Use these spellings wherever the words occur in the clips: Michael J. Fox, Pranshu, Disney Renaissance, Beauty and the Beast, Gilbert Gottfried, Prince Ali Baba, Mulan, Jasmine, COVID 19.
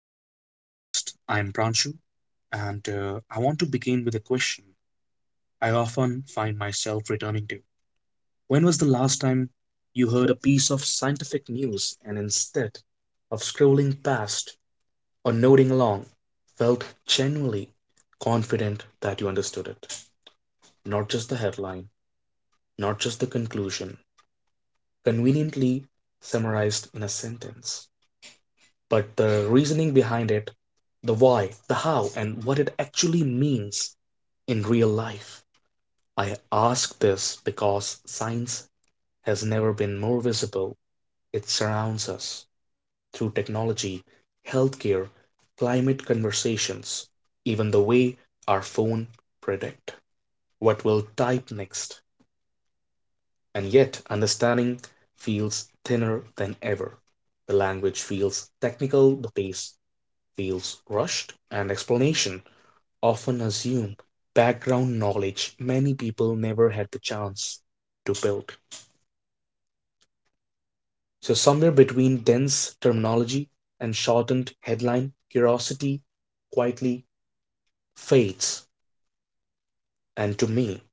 Welcome to the podcast. I'm Pranshu, and I want to begin with a question I often find myself returning to. When was the last time you heard a piece of scientific news and instead of scrolling past or nodding along, felt genuinely confident that you understood it? Not just the headline, not just the conclusion, conveniently summarized in a sentence. But the reasoning behind it, the why, the how, and what it actually means in real life. I ask this because science has never been more visible. It surrounds us through technology, healthcare, climate conversations, even the way our phone predict what we'll type next. And yet understanding feels thinner than ever. The language feels technical, the pace feels rushed, and explanation often assume background knowledge many people never had the chance to build. So, somewhere between dense terminology and shortened headline, curiosity quietly fades. And to me,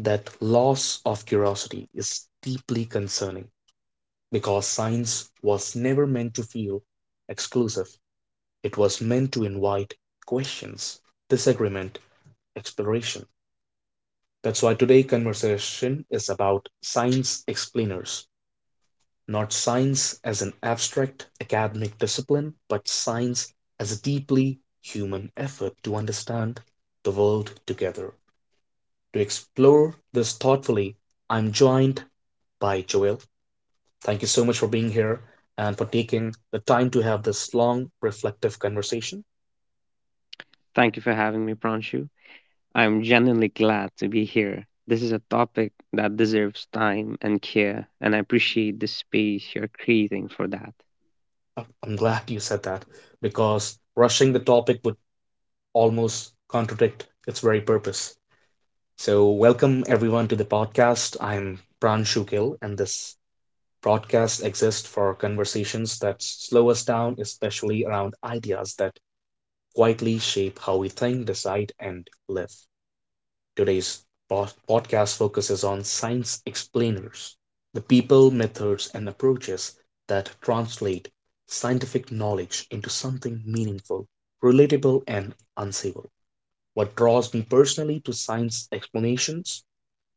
that loss of curiosity is deeply concerning because science was never meant to feel exclusive, it was meant to invite questions, disagreement, exploration. That's why today's conversation is about science explainers, not science as an abstract academic discipline, but science as a deeply human effort to understand the world together. To explore this thoughtfully, I'm joined by Joel. Thank you so much for being here and for taking the time to have this long, reflective conversation. Thank you for having me, Pranshu. I am genuinely glad to be here. This is a topic that deserves time and care, and I appreciate the space you're creating for that. I'm glad you said that because rushing the topic would almost contradict its very purpose. So, welcome everyone to the podcast. I'm Pran Shukil, and this broadcast exists for conversations that slow us down, especially around ideas that quietly shape how we think, decide, and live. Today's podcast focuses on science explainers, the people, methods, and approaches that translate scientific knowledge into something meaningful, relatable, and unsayable. What draws me personally to science explanations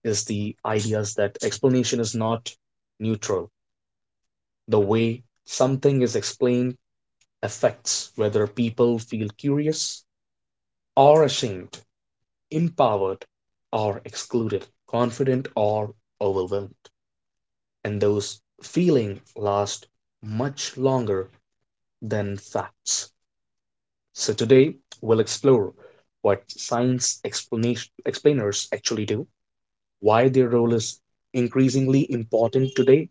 is the ideas that explanation is not neutral. The way something is explained affects whether people feel curious or ashamed, empowered or excluded, confident or overwhelmed. And those feelings last much longer than facts. So today we'll explore what science explanation explainers actually do, why their role is increasingly important today,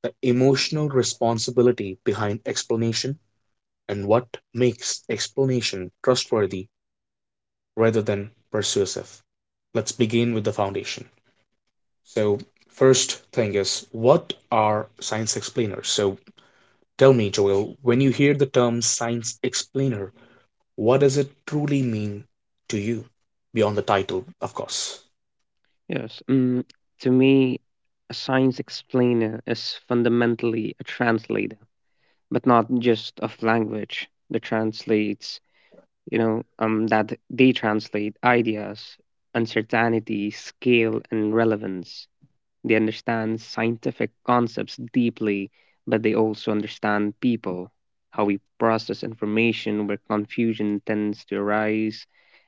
the emotional responsibility behind explanation and what makes explanation trustworthy rather than persuasive. Let's begin with the foundation. So, first thing is, what are science explainers? So, tell me, Joel, when you hear the term science explainer, what does it truly mean to you? Beyond the title, of course. Yes, um, to me, a science explainer is fundamentally a translator, but not just of language. The translates, that they translate ideas, uncertainty, scale, and relevance. They understand scientific concepts deeply, but they also understand people, how we process information, where confusion tends to arise,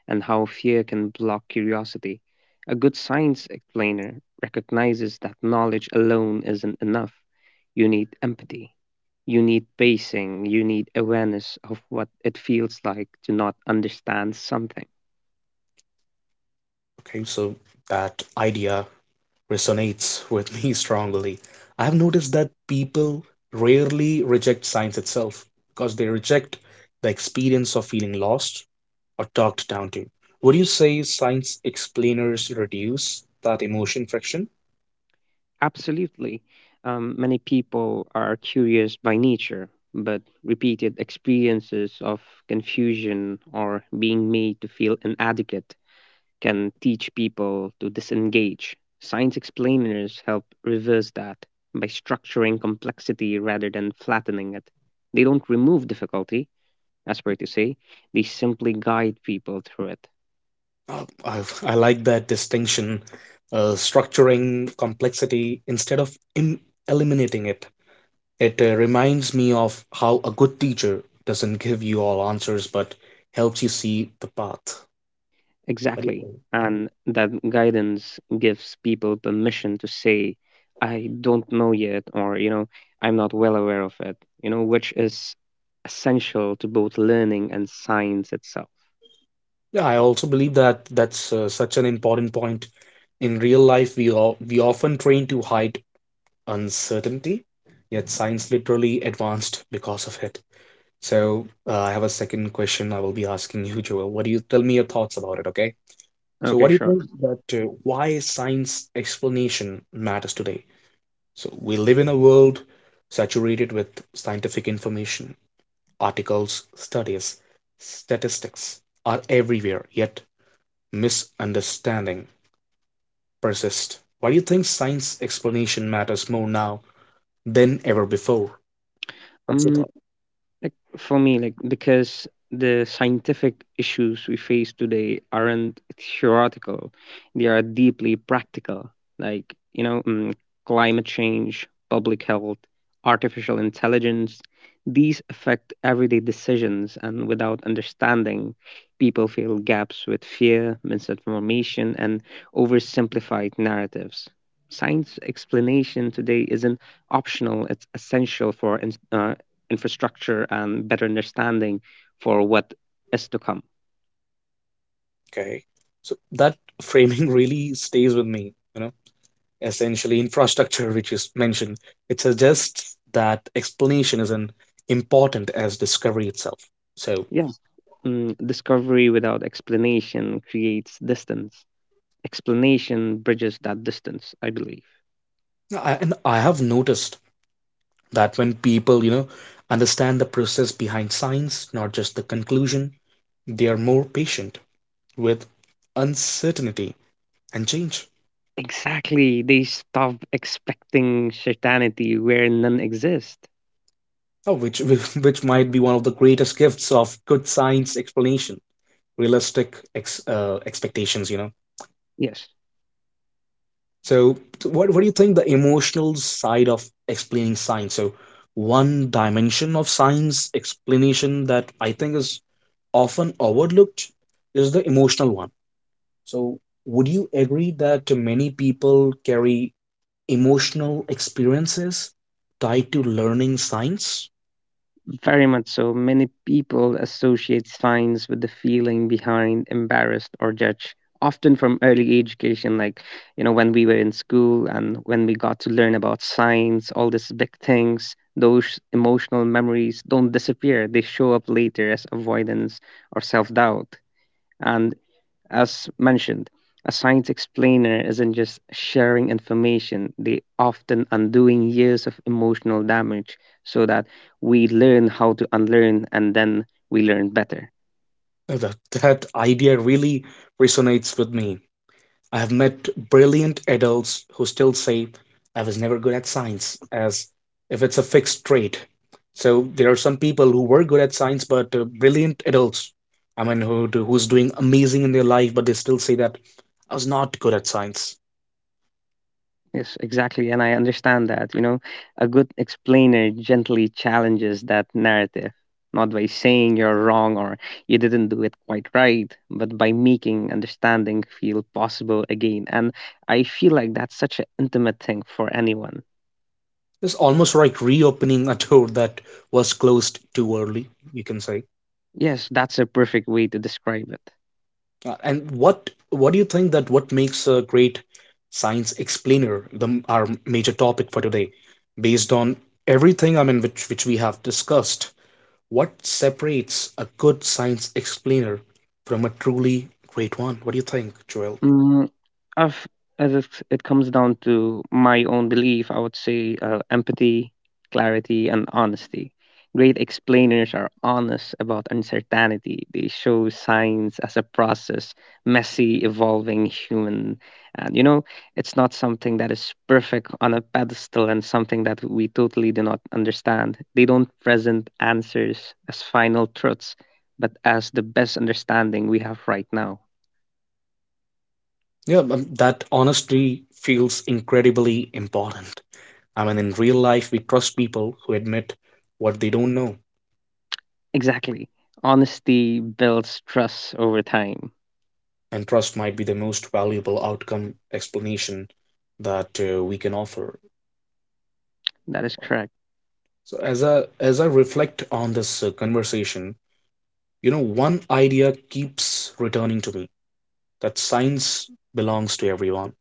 and how fear can block curiosity. A good science explainer recognizes that knowledge alone isn't enough. You need empathy, you need pacing, you need awareness of what it feels like to not understand something. Okay, so that idea resonates with me strongly. I've noticed that people rarely reject science itself because they reject the experience of feeling lost or talked down to. Would you say science explainers reduce that emotion friction? Absolutely. Many people are curious by nature, but repeated experiences of confusion or being made to feel inadequate can teach people to disengage. Science explainers help reverse that by structuring complexity rather than flattening it. They don't remove difficulty, as per to say, they simply guide people through it. I like that distinction, structuring complexity instead of eliminating it. It reminds me of how a good teacher doesn't give you all answers but helps you see the path. What do you Exactly. think? And that guidance gives people permission to say, I don't know yet, or, you know, I'm not well aware of it, you know, which is essential to both learning and science itself. Yeah, I also believe that that's such an important point. In real life, we often train to hide uncertainty, yet science literally advanced because of it. So, I have a second question I will be asking you, Joel. What do you tell me your thoughts about it, okay? So, Okay, what do you sure. think that why science explanation matters today? So, we live in a world saturated with scientific information, articles, studies, statistics are everywhere, yet misunderstanding persist. Why do you think science explanation matters more now than ever before? What's your Um, thought? Like for me, like because the scientific issues we face today aren't theoretical; they are deeply practical. Like you know, climate change, public health, artificial intelligence. These affect everyday decisions, and without understanding, people fill gaps with fear, misinformation, and oversimplified narratives. Science explanation today isn't optional; it's essential for infrastructure and better understanding for what is to come. Okay. So that framing really stays with me, you know. Essentially infrastructure which is mentioned, it suggests that explanation is an important as discovery itself. So Yes, mm, discovery without explanation creates distance. Explanation bridges that distance, I believe. I have noticed that when people, you know, understand the process behind science, not just the conclusion, they are more patient with uncertainty and change. Exactly. They stop expecting certainty where none exists. Oh, which which might be one of the greatest gifts of good science explanation, realistic expectations. You know. Yes. So, what do you think the emotional side of explaining science? So, one dimension of science explanation that I think is often overlooked is the emotional one. So, would you agree that many people carry emotional experiences tied to learning science? Very much so. Many people associate science with the feeling behind embarrassed or judged, often from early education, like, you know, when we were in school and when we got to learn about science, all these big things, those emotional memories don't disappear. They show up later as avoidance or self doubt. And as mentioned, a science explainer isn't just sharing information, they often undoing years of emotional damage so that we learn how to unlearn and then we learn better. That idea really resonates with me. I have met brilliant adults who still say, I was never good at science, as if it's a fixed trait. So there are some people who were good at science, but brilliant adults, I mean, who's doing amazing in their life, but they still say that I was not good at science. Yes, exactly. And I understand that, you know, a good explainer gently challenges that narrative, not by saying you're wrong or you didn't do it quite right, but by making understanding feel possible again. And I feel like that's such an intimate thing for anyone. It's almost like reopening a door that was closed too early, you can say. Yes, that's a perfect way to describe it. And what do you think that what makes a great science explainer, the our major topic for today, based on everything I mean which we have discussed, what separates a good science explainer from a truly great one? What do you think, Joel? Mm, I've it comes down to my own belief. I would say empathy, clarity, and honesty. Great explainers are honest about uncertainty. They show science as a process, messy, evolving human. And you know, it's not something that is perfect on a pedestal and something that we totally do not understand. They don't present answers as final truths, but as the best understanding we have right now. Yeah, that honestly feels incredibly important. I mean, in real life, we trust people who admit what they don't know, Exactly. Honesty builds trust over time. and trust might be the most valuable outcome explanation that we can offer. That is correct. So as I reflect on this conversation, you know, one idea keeps returning to me that science belongs to everyone.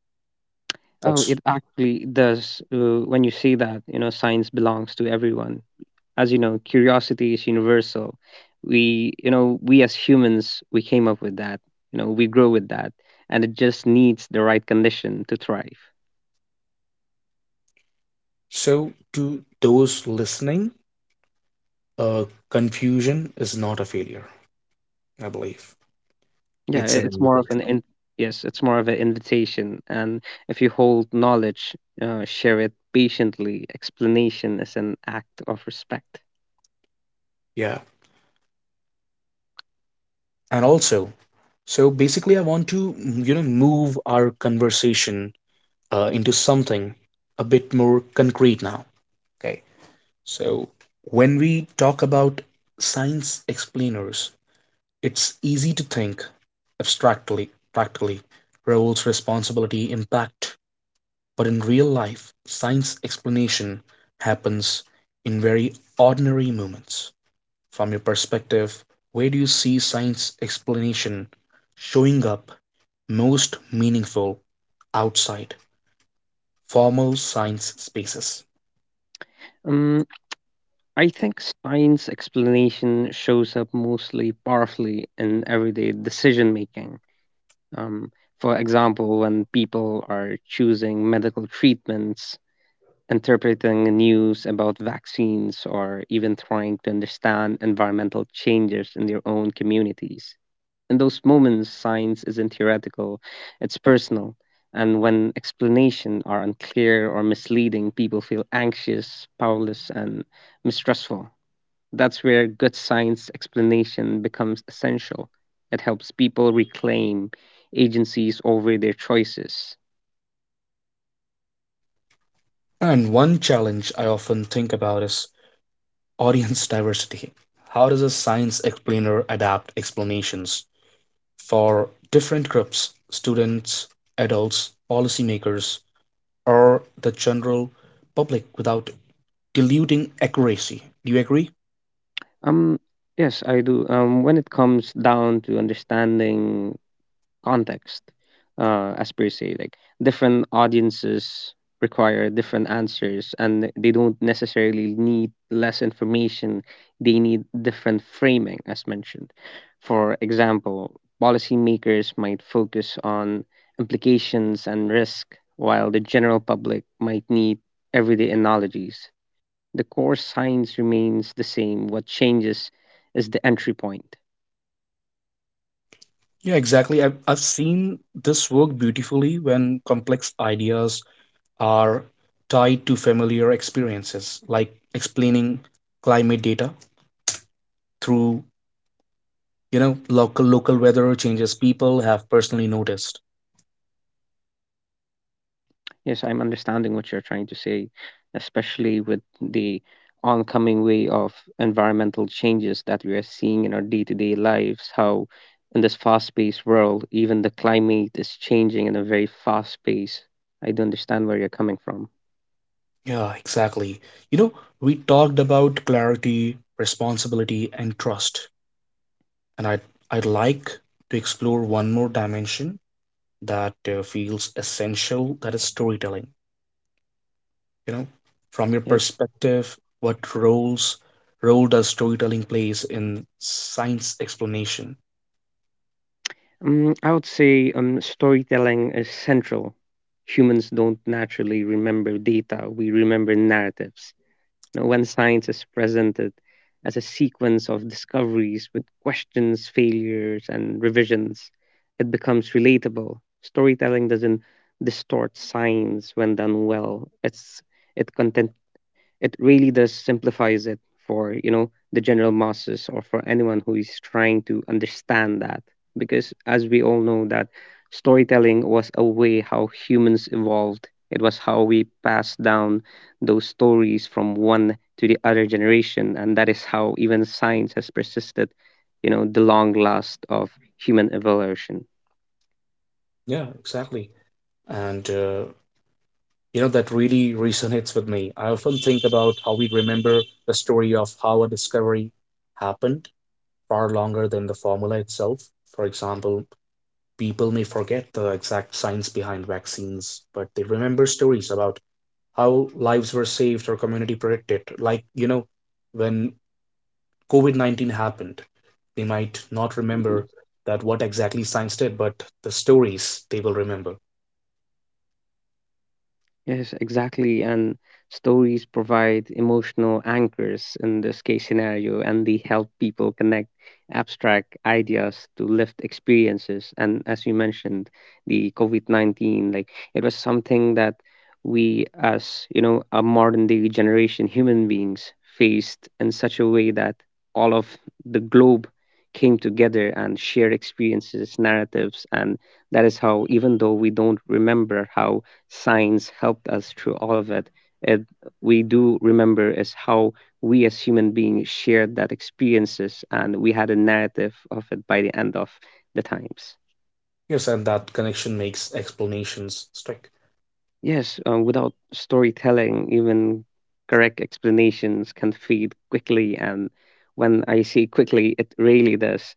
Oh, That's it actually does. When you say that, you know, science belongs to everyone. As you know, curiosity is universal. We as humans, we came up with that. You know, we grow with that, and it just needs the right condition to thrive. so to those listening, uh, confusion is not a failure, I believe. Yeah, It's an it's more of an invitation. in- yes, it's more of an invitation. And if you hold knowledge, share it patiently. Explanation is an act of respect. Yeah. And also, so basically, I want to, mm, you know, move our conversation into something a bit more concrete now. Okay. So, when we talk about science explainers, it's easy to think abstractly, practically, roles, responsibility, impact. But in real life, science explanation happens in very ordinary moments. From your perspective, where do you see science explanation showing up most meaningful outside formal science spaces? Um, I think science explanation shows up mostly powerfully in everyday decision making. Um, for example, when people are choosing medical treatments, interpreting news about vaccines, or even trying to understand environmental changes in their own communities. In those moments, science isn't theoretical, it's personal. And when explanations are unclear or misleading, people feel anxious, powerless, and mistrustful. That's where good science explanation becomes essential. It helps people reclaim agencies over their choices. And one challenge I often think about is audience diversity. How does a science explainer adapt explanations for different groups, students, adults, policymakers, or the general public without diluting accuracy? Do you agree? Um, yes, I do. When it comes down to understanding context, as per se. Like different audiences require different answers, and they don't necessarily need less information. They need different framing, as mentioned. For example, policymakers might focus on implications and risk, while the general public might need everyday analogies. The core science remains the same. What changes is the entry point. Yeah, exactly. I've seen this work beautifully when complex ideas are tied to familiar experiences, like explaining climate data through, you know, local weather changes people have personally noticed. Yes, I'm understanding what you're trying to say, especially with the oncoming way of environmental changes that we are seeing in our day to day lives. How, in this fast paced world, even the climate is changing in a very fast pace. I do understand where you're coming from. Yeah, exactly. You know, we talked about clarity, responsibility, and trust, and I'd like to explore one more dimension that feels essential, that is storytelling. You know, from your Yeah. perspective, what role does storytelling plays in science explanation? I would say storytelling is central. Humans don't naturally remember data, we remember narratives. Now, when science is presented as a sequence of discoveries with questions, failures, and revisions, it becomes relatable. Storytelling doesn't distort science when done well. It content it really does simplifies it for you know the general masses or for anyone who is trying to understand that, because as we all know that storytelling was a way how humans evolved. It was how we passed down those stories from one to the other generation, and that is how even science has persisted, you know, the long last of human evolution. Yeah, exactly. And you know, that really resonates with me. I often think about how we remember the story of how a discovery happened far longer than the formula itself. For example, people may forget the exact science behind vaccines, but they remember stories about how lives were saved or community protected. Like, you know, when COVID 19 happened, they might not remember that what exactly science did, but the stories they will remember. Yes, exactly. And stories provide emotional anchors in this case scenario, and they help people connect abstract ideas to lived experiences. And as you mentioned, the COVID -19, like it was something that we, as you know, a modern day generation human beings faced in such a way that all of the globe came together and shared experiences, narratives. And that is how, even though we don't remember how science helped us through all of it, it we do remember is how we as human beings shared that experiences and we had a narrative of it by the end of the times. Yes, and that connection makes explanations stick. Yes, without storytelling, even correct explanations can fade quickly. And when I say quickly, it really does.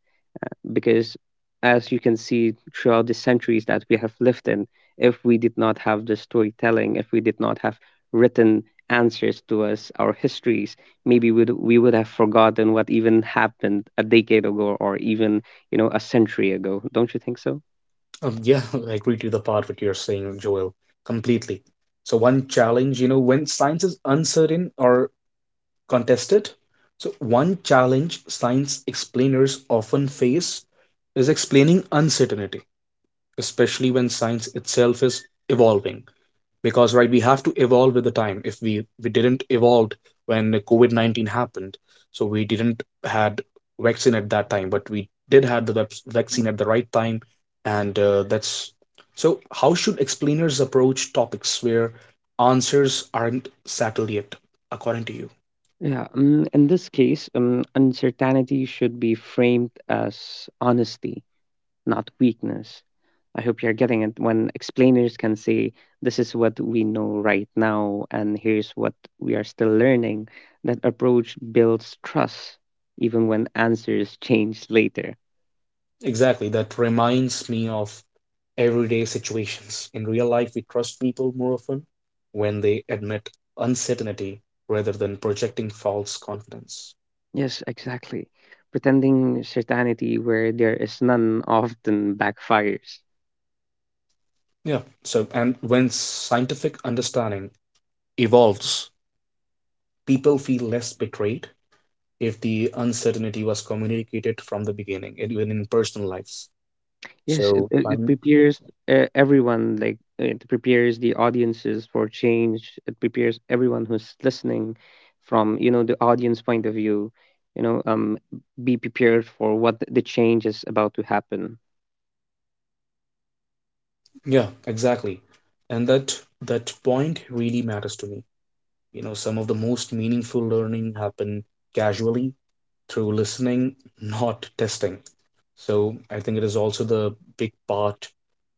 Because as you can see throughout the centuries that we have lived in, if we did not have the storytelling, if we did not have written answers to us, our histories, we would have forgotten what even happened a decade ago or even you know a century ago, don't you think so? Yeah, I agree to the part what you're saying, Joel, completely. So one challenge, you know, when science is uncertain or contested. So, one challenge science explainers often face is explaining uncertainty, especially when science itself is evolving. Because, right, we have to evolve with the time. If we didn't evolve when COVID 19 happened, so we didn't had vaccine at that time, but we did had the vaccine at the right time. And that's so, how should explainers approach topics where answers aren't settled yet, according to you? Yeah in this case, uncertainty should be framed as honesty, not weakness. I hope you're getting it. When explainers can say, this is what we know right now, and here's what we are still learning. That approach builds trust, even when answers change later. Exactly. That reminds me of everyday situations. In real life, we trust people more often when they admit uncertainty rather than projecting false confidence. Yes, exactly. Pretending certainty where there is none often backfires. Yeah. So, and when scientific understanding evolves, people feel less betrayed if the uncertainty was communicated from the beginning, even in personal lives. Yes, it, So, it, it science, prepares everyone, like it prepares the audiences for change. It prepares everyone who's listening from, you know, the audience point of view, you know, um, be prepared for the change is about to happen. yeah, exactly. And that point really matters to me. You know, some of the most meaningful learning happen casually through listening, not testing. So I think it is also the big part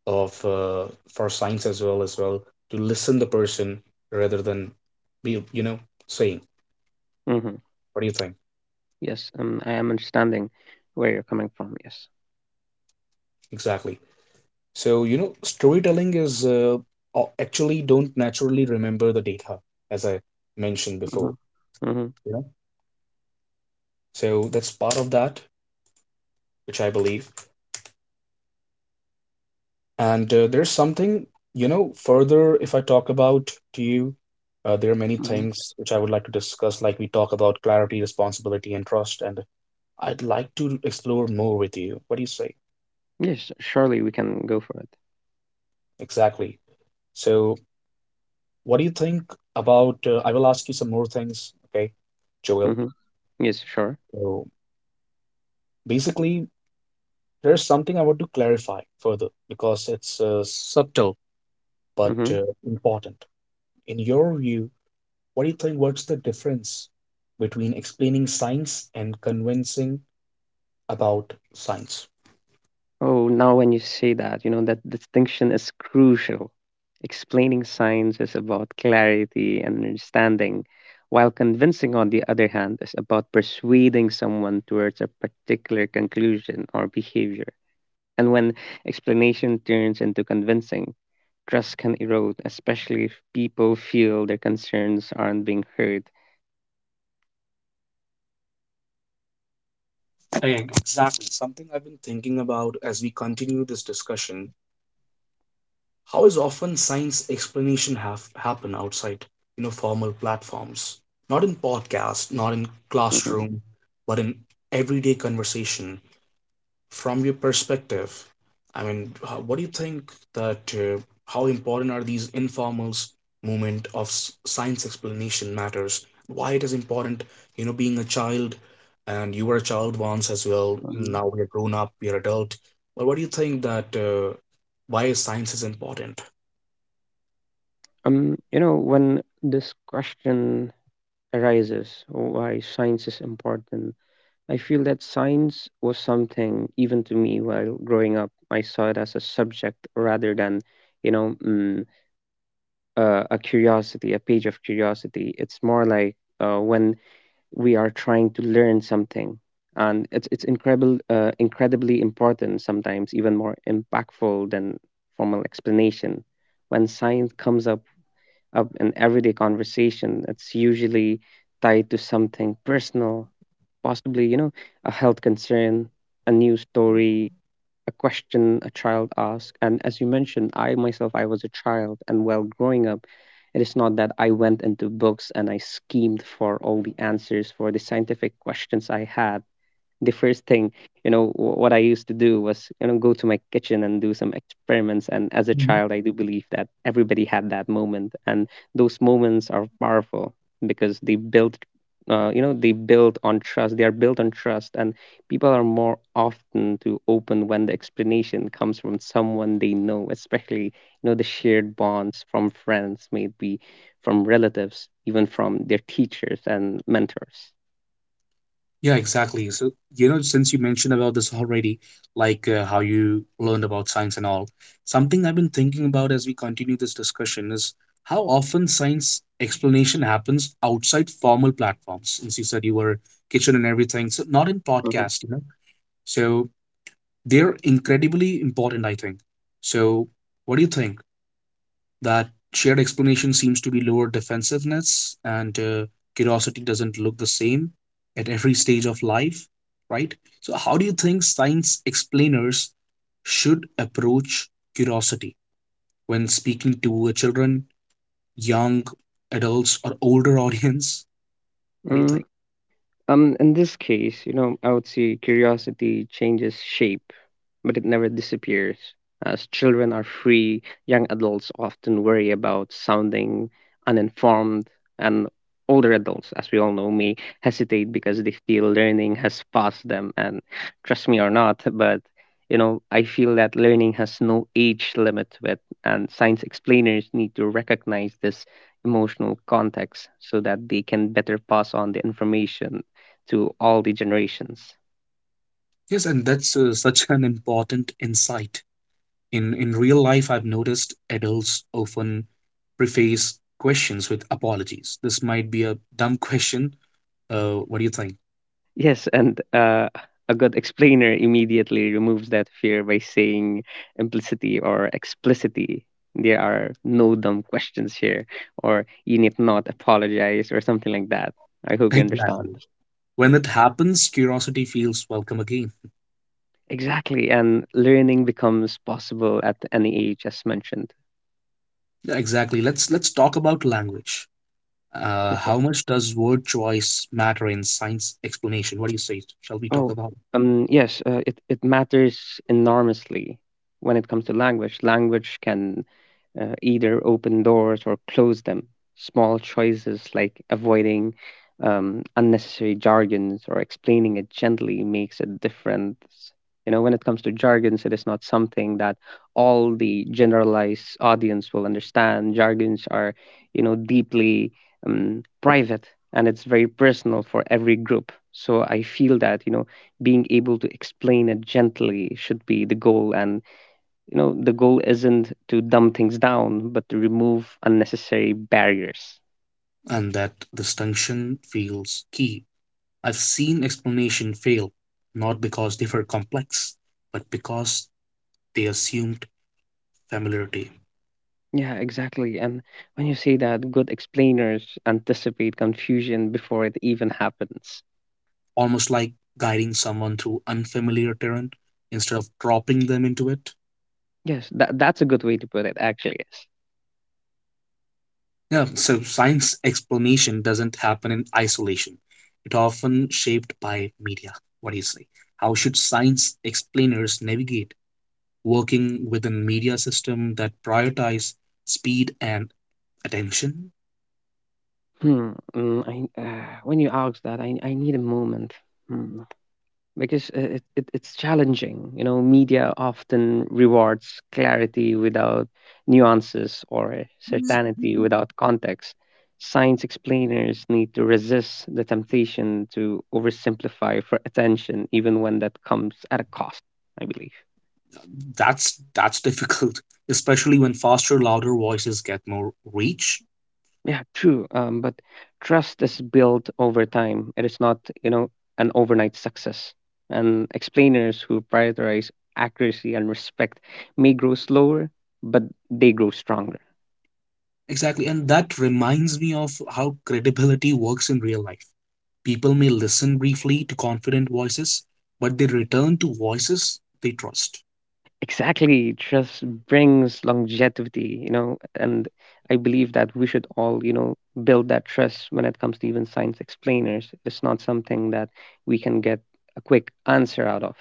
of for science as well to listen the person rather than be you know saying. Mm-hmm. What do you think? Yes, I am understanding where you're coming from. Yes. Exactly. So you know, storytelling is actually don't naturally remember the data as I mentioned Mm-hmm. before. Mm-hmm. So that's part of that, which I believe. And there's something, you know, further if I talk about to you, there are many Mm-hmm. things which I would like to discuss, like we talk about clarity, responsibility, and trust. And I'd like to explore more with you. What do you say? Yes, surely we can go for it. Exactly. So, what do you think about? I will ask you some more things, okay, Joel. Mm-hmm. Yes, sure. So, basically, there's something I want to clarify further because it's subtle but Mm-hmm. Important. In your view, what do you think? What's the difference between explaining science and convincing about science? Oh, now when you say that, you know, that distinction is crucial. Explaining science is about clarity and understanding, while convincing, on the other hand, is about persuading someone towards a particular conclusion or behavior. And when explanation turns into convincing, trust can erode, especially if people feel their concerns aren't being heard. Again, exactly. Something I've been thinking about as we continue this discussion. How is often science explanation have happen outside, you know, formal platforms? Not in podcast, not in Mhm, classroom, but in everyday conversation. From your perspective, what do you think that how important are these informal movement of science explanation matters? Why it is important, you know, being a child, and you were a child once as well. mhm. Now we are grown up, we are adult. But what do you think that why science is important? You know, when this question arises, why science is important, I feel that science was something, even to me while growing up, I saw it as a subject rather than, you know, a curiosity, a page of curiosity. It's more like when we are trying to learn something, and it's incredible, incredibly important sometimes, even more impactful than formal explanation. When science comes up of an everyday conversation, that's usually tied to something personal, possibly, you know, a health concern, a news story, a question a child asked. And as you mentioned, I myself, I was a child, and while growing up, it is not that I went into books and I schemed for all the answers for the scientific questions I had. The first thing you know what I used to do was, you know, go to my kitchen and do some experiments. And as a child, I do believe that everybody had that moment. And those moments are powerful because they build, you know, they build on trust, they are built on trust. And people are more often to open when the explanation comes from someone they know, especially you know the shared bonds from friends, maybe from relatives, even from their teachers and mentors. Yeah, exactly. So, you know, since you mentioned about this already, like how you learned about science and all, something I've been thinking about as we continue this discussion is how often science explanation happens outside formal platforms. Since you said you were kitchen and everything, so not in Hmm. podcast, you know. So they're incredibly important, I think. So what do you think? That shared explanation seems to be lower defensiveness and curiosity doesn't look the same at every stage of life, right? So how do you think science explainers should approach curiosity when speaking to children, young adults, or older audience? What do you Mm, think? In this case, you know, I would say curiosity changes shape, but it never disappears. As children are free, young adults often worry about sounding uninformed, and older adults, as we all know, may hesitate because they feel learning has passed them. And trust me or not, but you know, I feel that learning has no age limit to it, and science explainers need to recognize this emotional context so that they can better pass on the information to all the generations. Yes, and that's such an important insight. In real life, I've noticed adults often preface questions with apologies: this might be a dumb question. What do you think? Yes, and a good explainer immediately removes that fear by saying implicity or explicitity. There are no dumb questions here, or you need not apologize, or something like that. I hope you understand. Exactly. When that happens, curiosity feels welcome again. Exactly, and learning becomes possible at any age, as mentioned. Yeah, exactly. Let's talk about language. How much does word choice matter in science explanation? What do you say? Shall we talk Oh, about yes, it it matters enormously when it comes to language. Language can either open doors or close them. Small choices like avoiding unnecessary jargons or explaining it gently makes a difference. You know, when it comes to jargons, it is not something that all the generalized audience will understand. Jargons are, you know, deeply private, and it's very personal for every group. So I feel that, you know, being able to explain it gently should be the goal. And you know, the goal isn't to dumb things down, but to remove unnecessary barriers. it? And that distinction feels key. I've seen explanation fail, not because they were complex, but because they assumed familiarity, Yeah, exactly. And when you say that, good explainers anticipate confusion before it even happens. almost like guiding someone through unfamiliar terrain instead of dropping them into it. Yes, that that's a good way to put it, actually. Yes. Yeah, so science explanation doesn't happen in isolation. It often shaped by media. What do you say? How should science explainers navigate working within media system that prioritize speed and attention? When you ask that, I need a moment. Hmm. Because it it's challenging. You know, media often rewards clarity without nuances or certainty without context. Science explainers need to resist the temptation to oversimplify for attention, even when that comes at a cost, I believe. That's difficult, especially when faster, louder voices get more reach. Yeah, true. But trust is built over time. It is not, you know, an overnight success. And explainers who prioritize accuracy and respect may grow slower, but they grow stronger. Exactly. And that reminds me of how credibility works in real life. People may listen briefly to confident voices, but they return to voices they trust. Exactly. Trust brings longevity, you know, and I believe that we should all, you know, build that trust when it comes to even science explainers. It's not something that we can get a quick answer out of.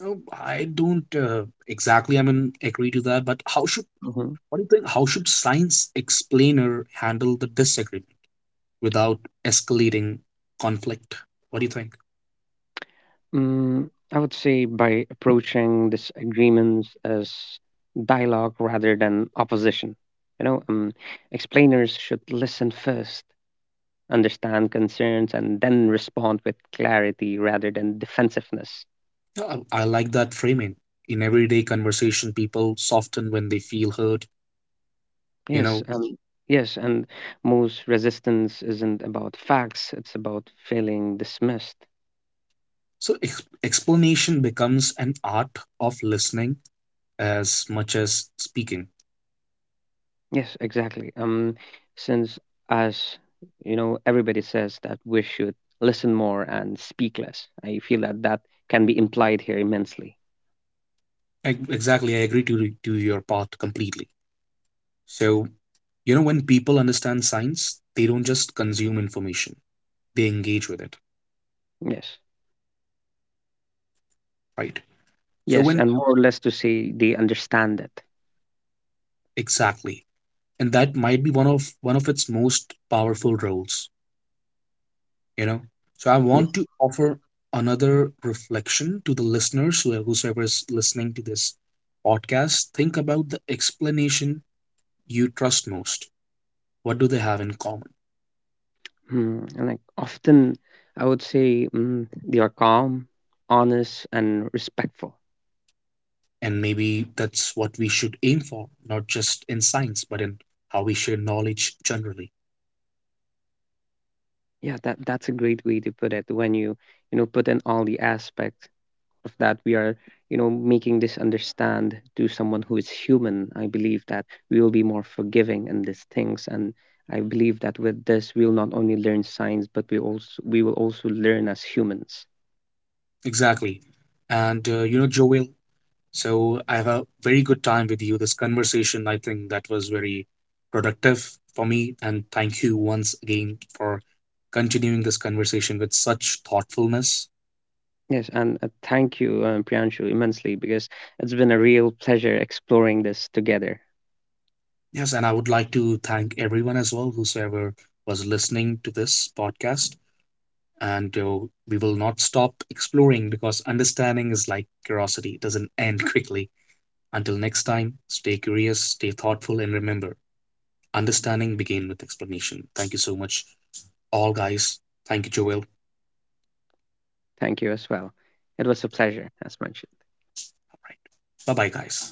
Oh, I don't exactly, I mean, agree to that, but how should, Mm-hmm. what do you think, how should science explainer handle the disagreement without escalating conflict? What do you think? Mm, I would say by approaching disagreements as dialogue rather than opposition. You know, explainers should listen first, understand concerns, and then respond with clarity rather than defensiveness. I like that framing. In everyday conversation, people soften when they feel hurt, you Yes, know. um, yes, and most resistance isn't about facts, it's about feeling dismissed. So explanation becomes an art of listening as much as speaking. Yes, exactly. Since as you know, everybody says that we should listen more and speak less. I feel that that can be implied here immensely. Exactly, I agree to your part completely. So, you know, when people understand science, they don't just consume information, they engage with it, Yes, right? So yes, when and more or less to say they understand it. exactly, and that might be one of its most powerful roles. You know, so I want Yes, to offer another reflection to the listeners, whosoever is listening to this podcast. Think about the explanation you trust most. What do they have in common? mm. And like often I would say they are calm, honest, and respectful. And maybe that's what we should aim for, not just in science, but in how we share knowledge generally. Yeah, that that's a great way to put it. When you know put in all the aspects of that we are you know making this understand to someone who is human, I believe that we will be more forgiving in these things. And I believe that with this we will not only learn science, but we will also learn as humans. Exactly. And you know, Joel, so I have a very good time with you. This conversation, I think, that was very productive for me. And thank you once again for continuing this conversation with such thoughtfulness. Yes, and thank you Priyanshu, immensely, because it's been a real pleasure exploring this together. Yes, and I would like to thank everyone as well, whosoever was listening to this podcast. And we will not stop exploring because understanding is like curiosity, it doesn't end quickly. Until next time, stay curious, stay thoughtful, and remember, understanding begins with explanation. Thank you so much all, guys. Thank you, Joel. All Thank you as well. It was a pleasure, as mentioned. right. Bye bye, guys.